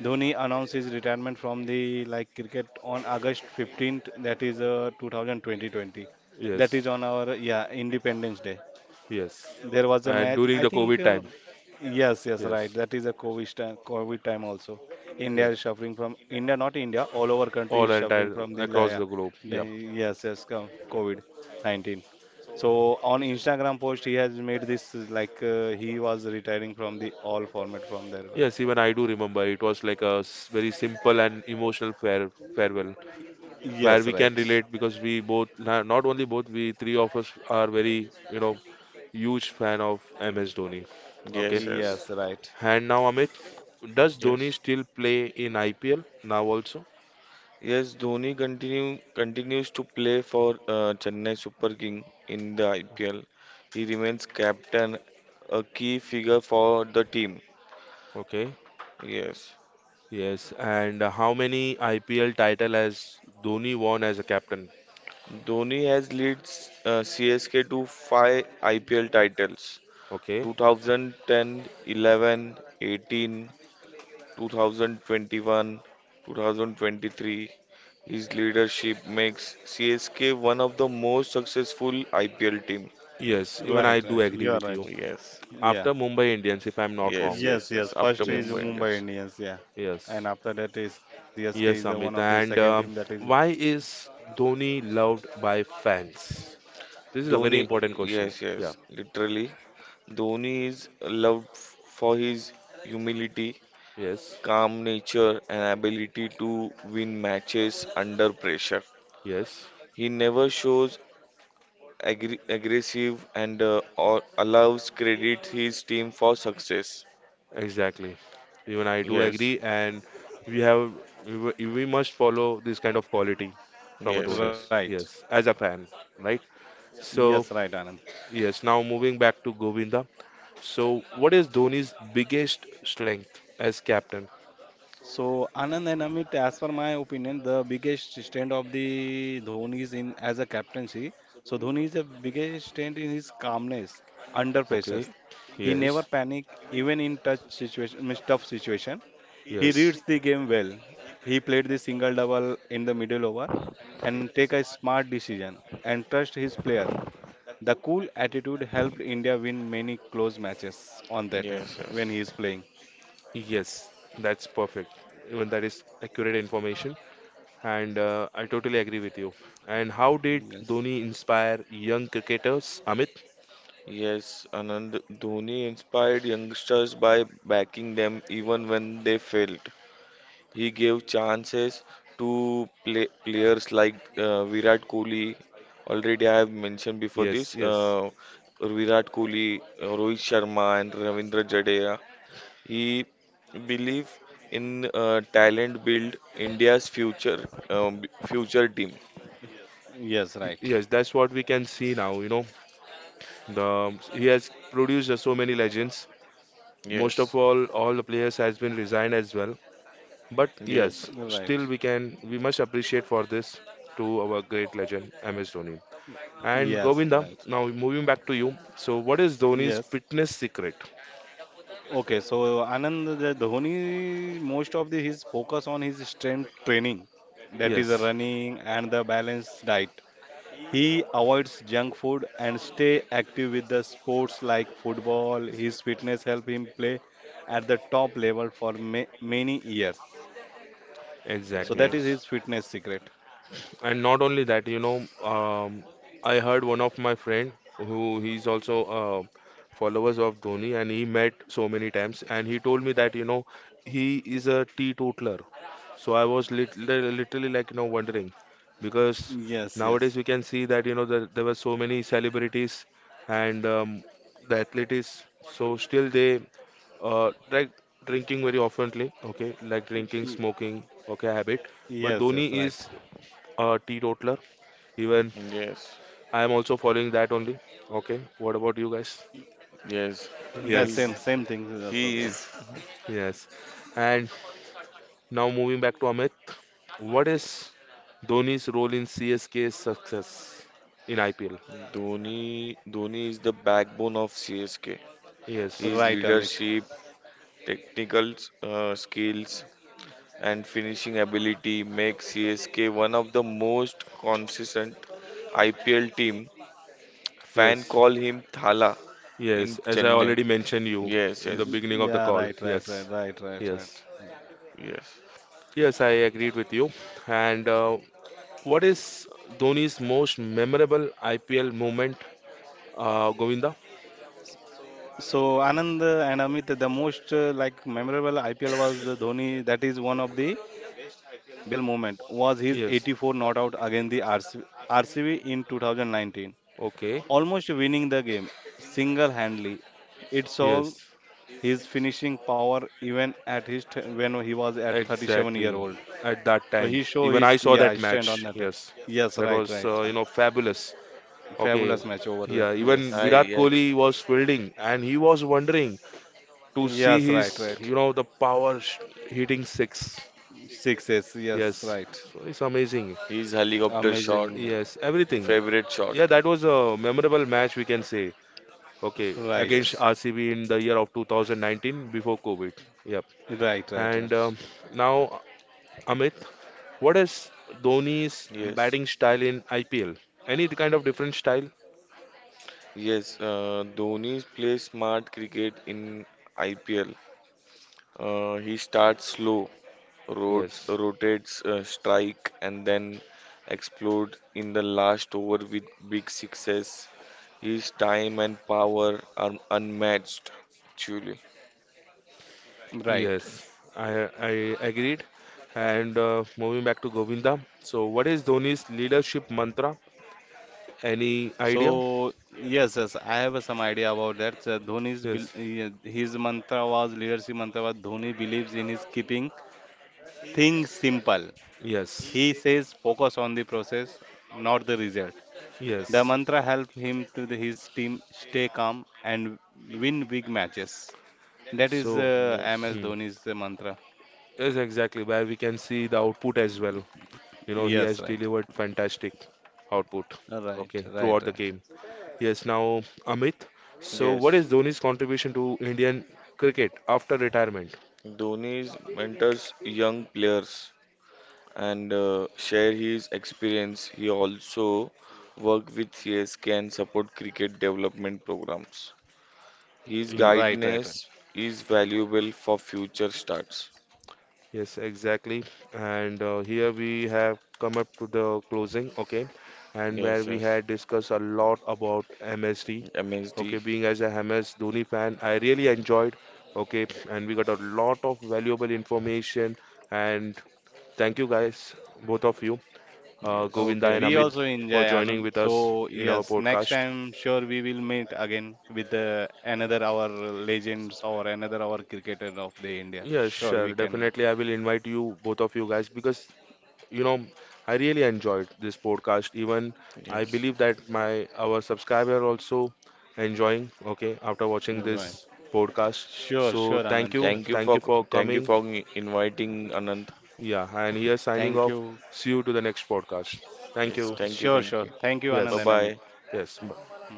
Speaker 3: Dhoni announced his retirement from the like cricket on August 15th, that is 2020, that
Speaker 1: yes,
Speaker 3: is on our, yeah, Independence Day.
Speaker 1: yes.
Speaker 3: There was a
Speaker 1: And
Speaker 3: match.
Speaker 1: during
Speaker 3: I
Speaker 1: the
Speaker 3: think,
Speaker 1: COVID time,
Speaker 3: yes, yes, right.
Speaker 1: yes,
Speaker 3: That is a COVID time also. India
Speaker 1: yes.
Speaker 3: is suffering from India, not India. All over country
Speaker 1: All
Speaker 3: is suffering
Speaker 1: entire
Speaker 3: from the
Speaker 1: across
Speaker 3: li-
Speaker 1: the globe.
Speaker 3: the-
Speaker 1: Yeah.
Speaker 3: yes, yes, co- COVID 19. So on Instagram post, he has made this like he was retiring from the all format from there.
Speaker 1: Yes, even I do remember. It was like very simple and emotional farewell, where
Speaker 3: Yes,
Speaker 1: we can
Speaker 3: right.
Speaker 1: relate because we both, not only both, we three of us are very, you know, huge fan of MS Dhoni. Okay.
Speaker 2: yes,
Speaker 3: Yes,
Speaker 2: yes,
Speaker 3: right.
Speaker 1: And now, Amit, does Dhoni
Speaker 2: yes.
Speaker 1: still play in IPL now also?
Speaker 2: Yes, Dhoni continues to play for Chennai Super King in the IPL. He remains captain, a key figure for the team.
Speaker 1: Okay.
Speaker 2: Yes.
Speaker 1: Yes, and how many IPL title has Dhoni won as a captain?
Speaker 2: Dhoni has leads CSK to five IPL titles
Speaker 1: Okay.
Speaker 2: 2010, 11, 18, 2021, 2023. His leadership makes CSK one of the most successful IPL team.
Speaker 1: Yes, even I
Speaker 3: Right,
Speaker 1: do
Speaker 3: right.
Speaker 1: agree
Speaker 3: You are
Speaker 1: with
Speaker 3: right.
Speaker 1: you.
Speaker 2: Yes,
Speaker 3: Yeah.
Speaker 1: After Mumbai Indians, if I'm not
Speaker 2: yes,
Speaker 1: wrong.
Speaker 3: Yes,
Speaker 2: yes, yes.
Speaker 3: yes.
Speaker 2: After
Speaker 3: First is
Speaker 1: Yes,
Speaker 2: Mumbai
Speaker 3: Mumbai
Speaker 2: Indians,
Speaker 3: Indians, yeah. And
Speaker 1: yes,
Speaker 3: after that is CSK is the one
Speaker 1: yes,
Speaker 3: of the
Speaker 1: Amit.
Speaker 3: second team
Speaker 1: And
Speaker 3: that is
Speaker 1: why is Dhoni loved by fans? This is a
Speaker 2: Dhoni,
Speaker 1: very important question.
Speaker 2: yes,
Speaker 1: Yeah.
Speaker 2: yes, literally. Dhoni, is loved for his humility,
Speaker 1: Yes.
Speaker 2: calm nature, and ability to win matches under pressure.
Speaker 1: Yes.
Speaker 2: He never shows aggressive and or allows credit his team for success.
Speaker 1: Exactly. Even I do
Speaker 2: Yes,
Speaker 1: agree, and we have we must follow this kind of quality from a
Speaker 2: yes,
Speaker 1: Dhoni.
Speaker 2: yes,
Speaker 3: right.
Speaker 1: Yes, as a fan, right?
Speaker 3: Yes,
Speaker 1: So
Speaker 3: right, Anand.
Speaker 1: yes, now moving back to Govinda. So, what is Dhoni's biggest strength as captain?
Speaker 3: So Anand and Amit, as per my opinion, the biggest strength of the Dhoni is in as a captaincy. So Dhoni is the biggest strength in his calmness under
Speaker 1: Okay.
Speaker 3: pressures. He never
Speaker 1: Yes.
Speaker 3: panic even in touch situation, means tough situation. He
Speaker 1: Yes.
Speaker 3: reads the game well. He played the single double in the middle over and take a smart decision and trust his player. The cool attitude helped India win many close matches on that time
Speaker 2: yes,
Speaker 3: when
Speaker 2: yes.
Speaker 3: he is playing.
Speaker 1: Yes. That's perfect. Even that is accurate information. And I totally agree with you. And how did
Speaker 3: Yes.
Speaker 1: Dhoni inspire young cricketers, Amit?
Speaker 2: Yes, Anand Dhoni inspired youngsters by backing them even when they failed. He gave chances players like Virat Kohli. Already, I have mentioned before
Speaker 1: Yes,
Speaker 2: this
Speaker 1: yes.
Speaker 2: Virat Kohli, Rohit Sharma, and Ravindra Jadeja. He believe in talent build India's future team.
Speaker 3: Yes, right.
Speaker 1: Yes, that's what we can see now, you know. The he has produced so many legends. Most of
Speaker 2: Yes,
Speaker 1: all the players has been resigned as well. But yes,
Speaker 2: yes,
Speaker 3: Right.
Speaker 1: still we can we must appreciate for this to our great legend MS Dhoni. And
Speaker 3: Yes,
Speaker 1: Govinda,
Speaker 3: right.
Speaker 1: now moving back to you. So what is Dhoni's
Speaker 3: Yes.
Speaker 1: fitness secret?
Speaker 3: Okay, so Anand, the Dhoni, most of the, his focus on his strength training, that is the
Speaker 1: Yes,
Speaker 3: running and the balanced diet. He avoids junk food and stay active with the sports like football. His fitness help him play at the top level for ma many years. So
Speaker 1: exactly.
Speaker 3: that is
Speaker 2: yes,
Speaker 3: his fitness secret.
Speaker 1: And not only that, you know, I heard one of my friend who he's also followers of Dhoni and he met so many times and he told me that, you know, he is a teetotaler. So I was literally like you know wondering because
Speaker 3: Yes, yes.
Speaker 1: nowadays we can see that you know that there were so many celebrities and the athletes. So still they like drinking very oftenly. Okay, like
Speaker 3: Y-
Speaker 1: drinking,
Speaker 3: y-
Speaker 1: smoking. Okay, habit.
Speaker 3: yes,
Speaker 1: But
Speaker 3: yes,
Speaker 1: Dhoni
Speaker 3: right.
Speaker 1: is a teetotaler. Even
Speaker 2: yes,
Speaker 1: I am also following that only. Okay, what about you guys?
Speaker 2: yes.
Speaker 3: The
Speaker 2: He's,
Speaker 1: Yes,
Speaker 3: same thing with us
Speaker 2: he
Speaker 3: also.
Speaker 2: is.
Speaker 1: yes. And now moving back to Amit, what is
Speaker 2: Yes.
Speaker 1: Dhoni's role in CSK's success in IPL?
Speaker 2: Dhoni is the backbone of CSK.
Speaker 1: Yes,
Speaker 2: His
Speaker 3: Right, Amit.
Speaker 2: leadership, technical skills, and finishing ability make CSK one of the most consistent IPL team. Fan
Speaker 1: yes,
Speaker 2: call him Thala in
Speaker 1: yes. As I
Speaker 2: Chennai.
Speaker 1: already mentioned you
Speaker 2: Yes,
Speaker 1: in the
Speaker 2: yes,
Speaker 3: Y-
Speaker 1: beginning of the
Speaker 3: yeah,
Speaker 1: call.
Speaker 3: right, right,
Speaker 1: Yes,
Speaker 3: right, right, right, right.
Speaker 1: yes,
Speaker 2: yes.
Speaker 1: yes. I agreed with you. And what is Dhoni's most memorable IPL moment, Govinda?
Speaker 3: So Anand and Amit, the most like memorable IPL was the Dhoni. That is one of the best IPL moment was his
Speaker 1: Yes.
Speaker 3: 84 not out against the RC, RCB in 2019,
Speaker 1: Okay.
Speaker 3: almost winning the game single-handedly. It saw
Speaker 1: Yes.
Speaker 3: his finishing power even at his t- when he was at 37-year
Speaker 1: Exactly.
Speaker 3: old,
Speaker 1: At that
Speaker 3: so
Speaker 1: time,
Speaker 3: he show
Speaker 1: even
Speaker 3: his,
Speaker 1: I saw
Speaker 3: yeah,
Speaker 1: that
Speaker 3: strength on
Speaker 1: match.
Speaker 3: that.
Speaker 1: Yes,
Speaker 3: Yes,
Speaker 1: that
Speaker 3: right,
Speaker 1: was
Speaker 3: right,
Speaker 1: fabulous. Okay,
Speaker 3: fabulous match over there,
Speaker 1: yeah, even
Speaker 2: I
Speaker 3: yes,
Speaker 1: Virat
Speaker 2: Yes.
Speaker 1: Kohli was fielding and he was wondering to see
Speaker 3: yes,
Speaker 1: his,
Speaker 3: right, right,
Speaker 1: you know, the hitting six.
Speaker 3: six, yes,
Speaker 1: Yes,
Speaker 3: right,
Speaker 1: so it's amazing.
Speaker 2: His helicopter
Speaker 3: amazing,
Speaker 2: shot,
Speaker 1: Yes, everything.
Speaker 2: favorite shot.
Speaker 1: Yeah, that was a memorable match, we can say. Okay,
Speaker 3: right
Speaker 1: against
Speaker 2: Yes,
Speaker 1: RCB in the year of 2019 before COVID. Yep.
Speaker 3: right right
Speaker 1: And
Speaker 3: right
Speaker 1: now, Amit, what is Dhoni's
Speaker 2: yes,
Speaker 1: batting style in IPL? Any kind of different style?
Speaker 2: yes. Dhoni's play smart cricket in IPL. He starts slow, rotates,
Speaker 1: Yes.
Speaker 2: rotates uh, strike, and then explode in the last over with big success. His time and power are unmatched, actually.
Speaker 3: right
Speaker 1: Yes, I agreed. And moving back to Govinda. So, what is Dhoni's leadership mantra? Any
Speaker 3: so
Speaker 1: idea?
Speaker 3: yes, yes, I have some idea about that. So Dhoni's bel-
Speaker 1: Yes,
Speaker 3: yeah, his mantra was, leadership mantra was, Dhoni believes in his keeping things simple.
Speaker 1: yes,
Speaker 3: He says focus on the process, not the result. The
Speaker 1: yes.
Speaker 3: mantra helped him to the, his team stay calm and win big matches. That is
Speaker 1: So,
Speaker 2: Yes,
Speaker 3: MS
Speaker 1: hmm,
Speaker 3: Dhoni's mantra.
Speaker 1: yes, exactly where we can see the output as well. You know, he
Speaker 3: Yes,
Speaker 1: has
Speaker 3: right.
Speaker 1: delivered fantastic output.
Speaker 3: Right,
Speaker 1: Okay,
Speaker 3: right,
Speaker 1: throughout the
Speaker 3: right.
Speaker 1: game. Yes, now Amit. So, what
Speaker 2: yes.
Speaker 1: is Dhoni's contribution to Indian cricket after retirement?
Speaker 2: Dhoni's mentors young players and share his experience. He also work with CSK and support cricket development programs. His
Speaker 3: Right, right, right.
Speaker 2: guidance is valuable for future starts.
Speaker 1: Yes, exactly. And here we have come up to the closing, okay, and where
Speaker 2: Yes,
Speaker 1: we
Speaker 2: yes.
Speaker 1: had discussed a lot about MSD. Okay,
Speaker 2: MSD.
Speaker 1: being as a MS Dhoni fan, I really enjoyed, okay, and we got a lot of valuable information. And thank you guys, both of you,
Speaker 2: Yes.
Speaker 1: Govinda
Speaker 3: Okay,
Speaker 1: and
Speaker 2: Thank
Speaker 3: we
Speaker 2: you.
Speaker 1: Amit,
Speaker 3: also enjoy
Speaker 1: for joining
Speaker 3: Anand.
Speaker 1: with us
Speaker 3: So,
Speaker 1: in our
Speaker 3: yes, next
Speaker 1: podcast.
Speaker 3: time sure we will meet again with another our legends or another our cricketer of the India.
Speaker 1: Yes,
Speaker 3: Sure, we
Speaker 1: sure.
Speaker 3: can.
Speaker 1: Definitely, I will invite you, both of you guys, because you know I really enjoyed this podcast. Even I
Speaker 2: Yes.
Speaker 1: believe that my our subscriber also enjoying, okay, after watching
Speaker 3: Right.
Speaker 1: this podcast.
Speaker 3: Sure,
Speaker 1: So
Speaker 3: sure,
Speaker 1: thank
Speaker 3: Anand.
Speaker 1: you,
Speaker 3: Sure.
Speaker 2: Thank you
Speaker 1: thank
Speaker 2: for
Speaker 1: you for
Speaker 2: thank you
Speaker 1: coming.
Speaker 2: for inviting Anand.
Speaker 1: Yeah, and here
Speaker 3: Thank
Speaker 1: signing
Speaker 3: you.
Speaker 1: off, see you to the next podcast. Thank
Speaker 2: Yes.
Speaker 1: you.
Speaker 3: Sure,
Speaker 2: Thank you.
Speaker 3: sure.
Speaker 2: Thank you.
Speaker 3: Thank you, Anand and
Speaker 2: Bye
Speaker 1: Yes,
Speaker 3: Amit.
Speaker 2: bye.
Speaker 1: yes.
Speaker 3: Mm.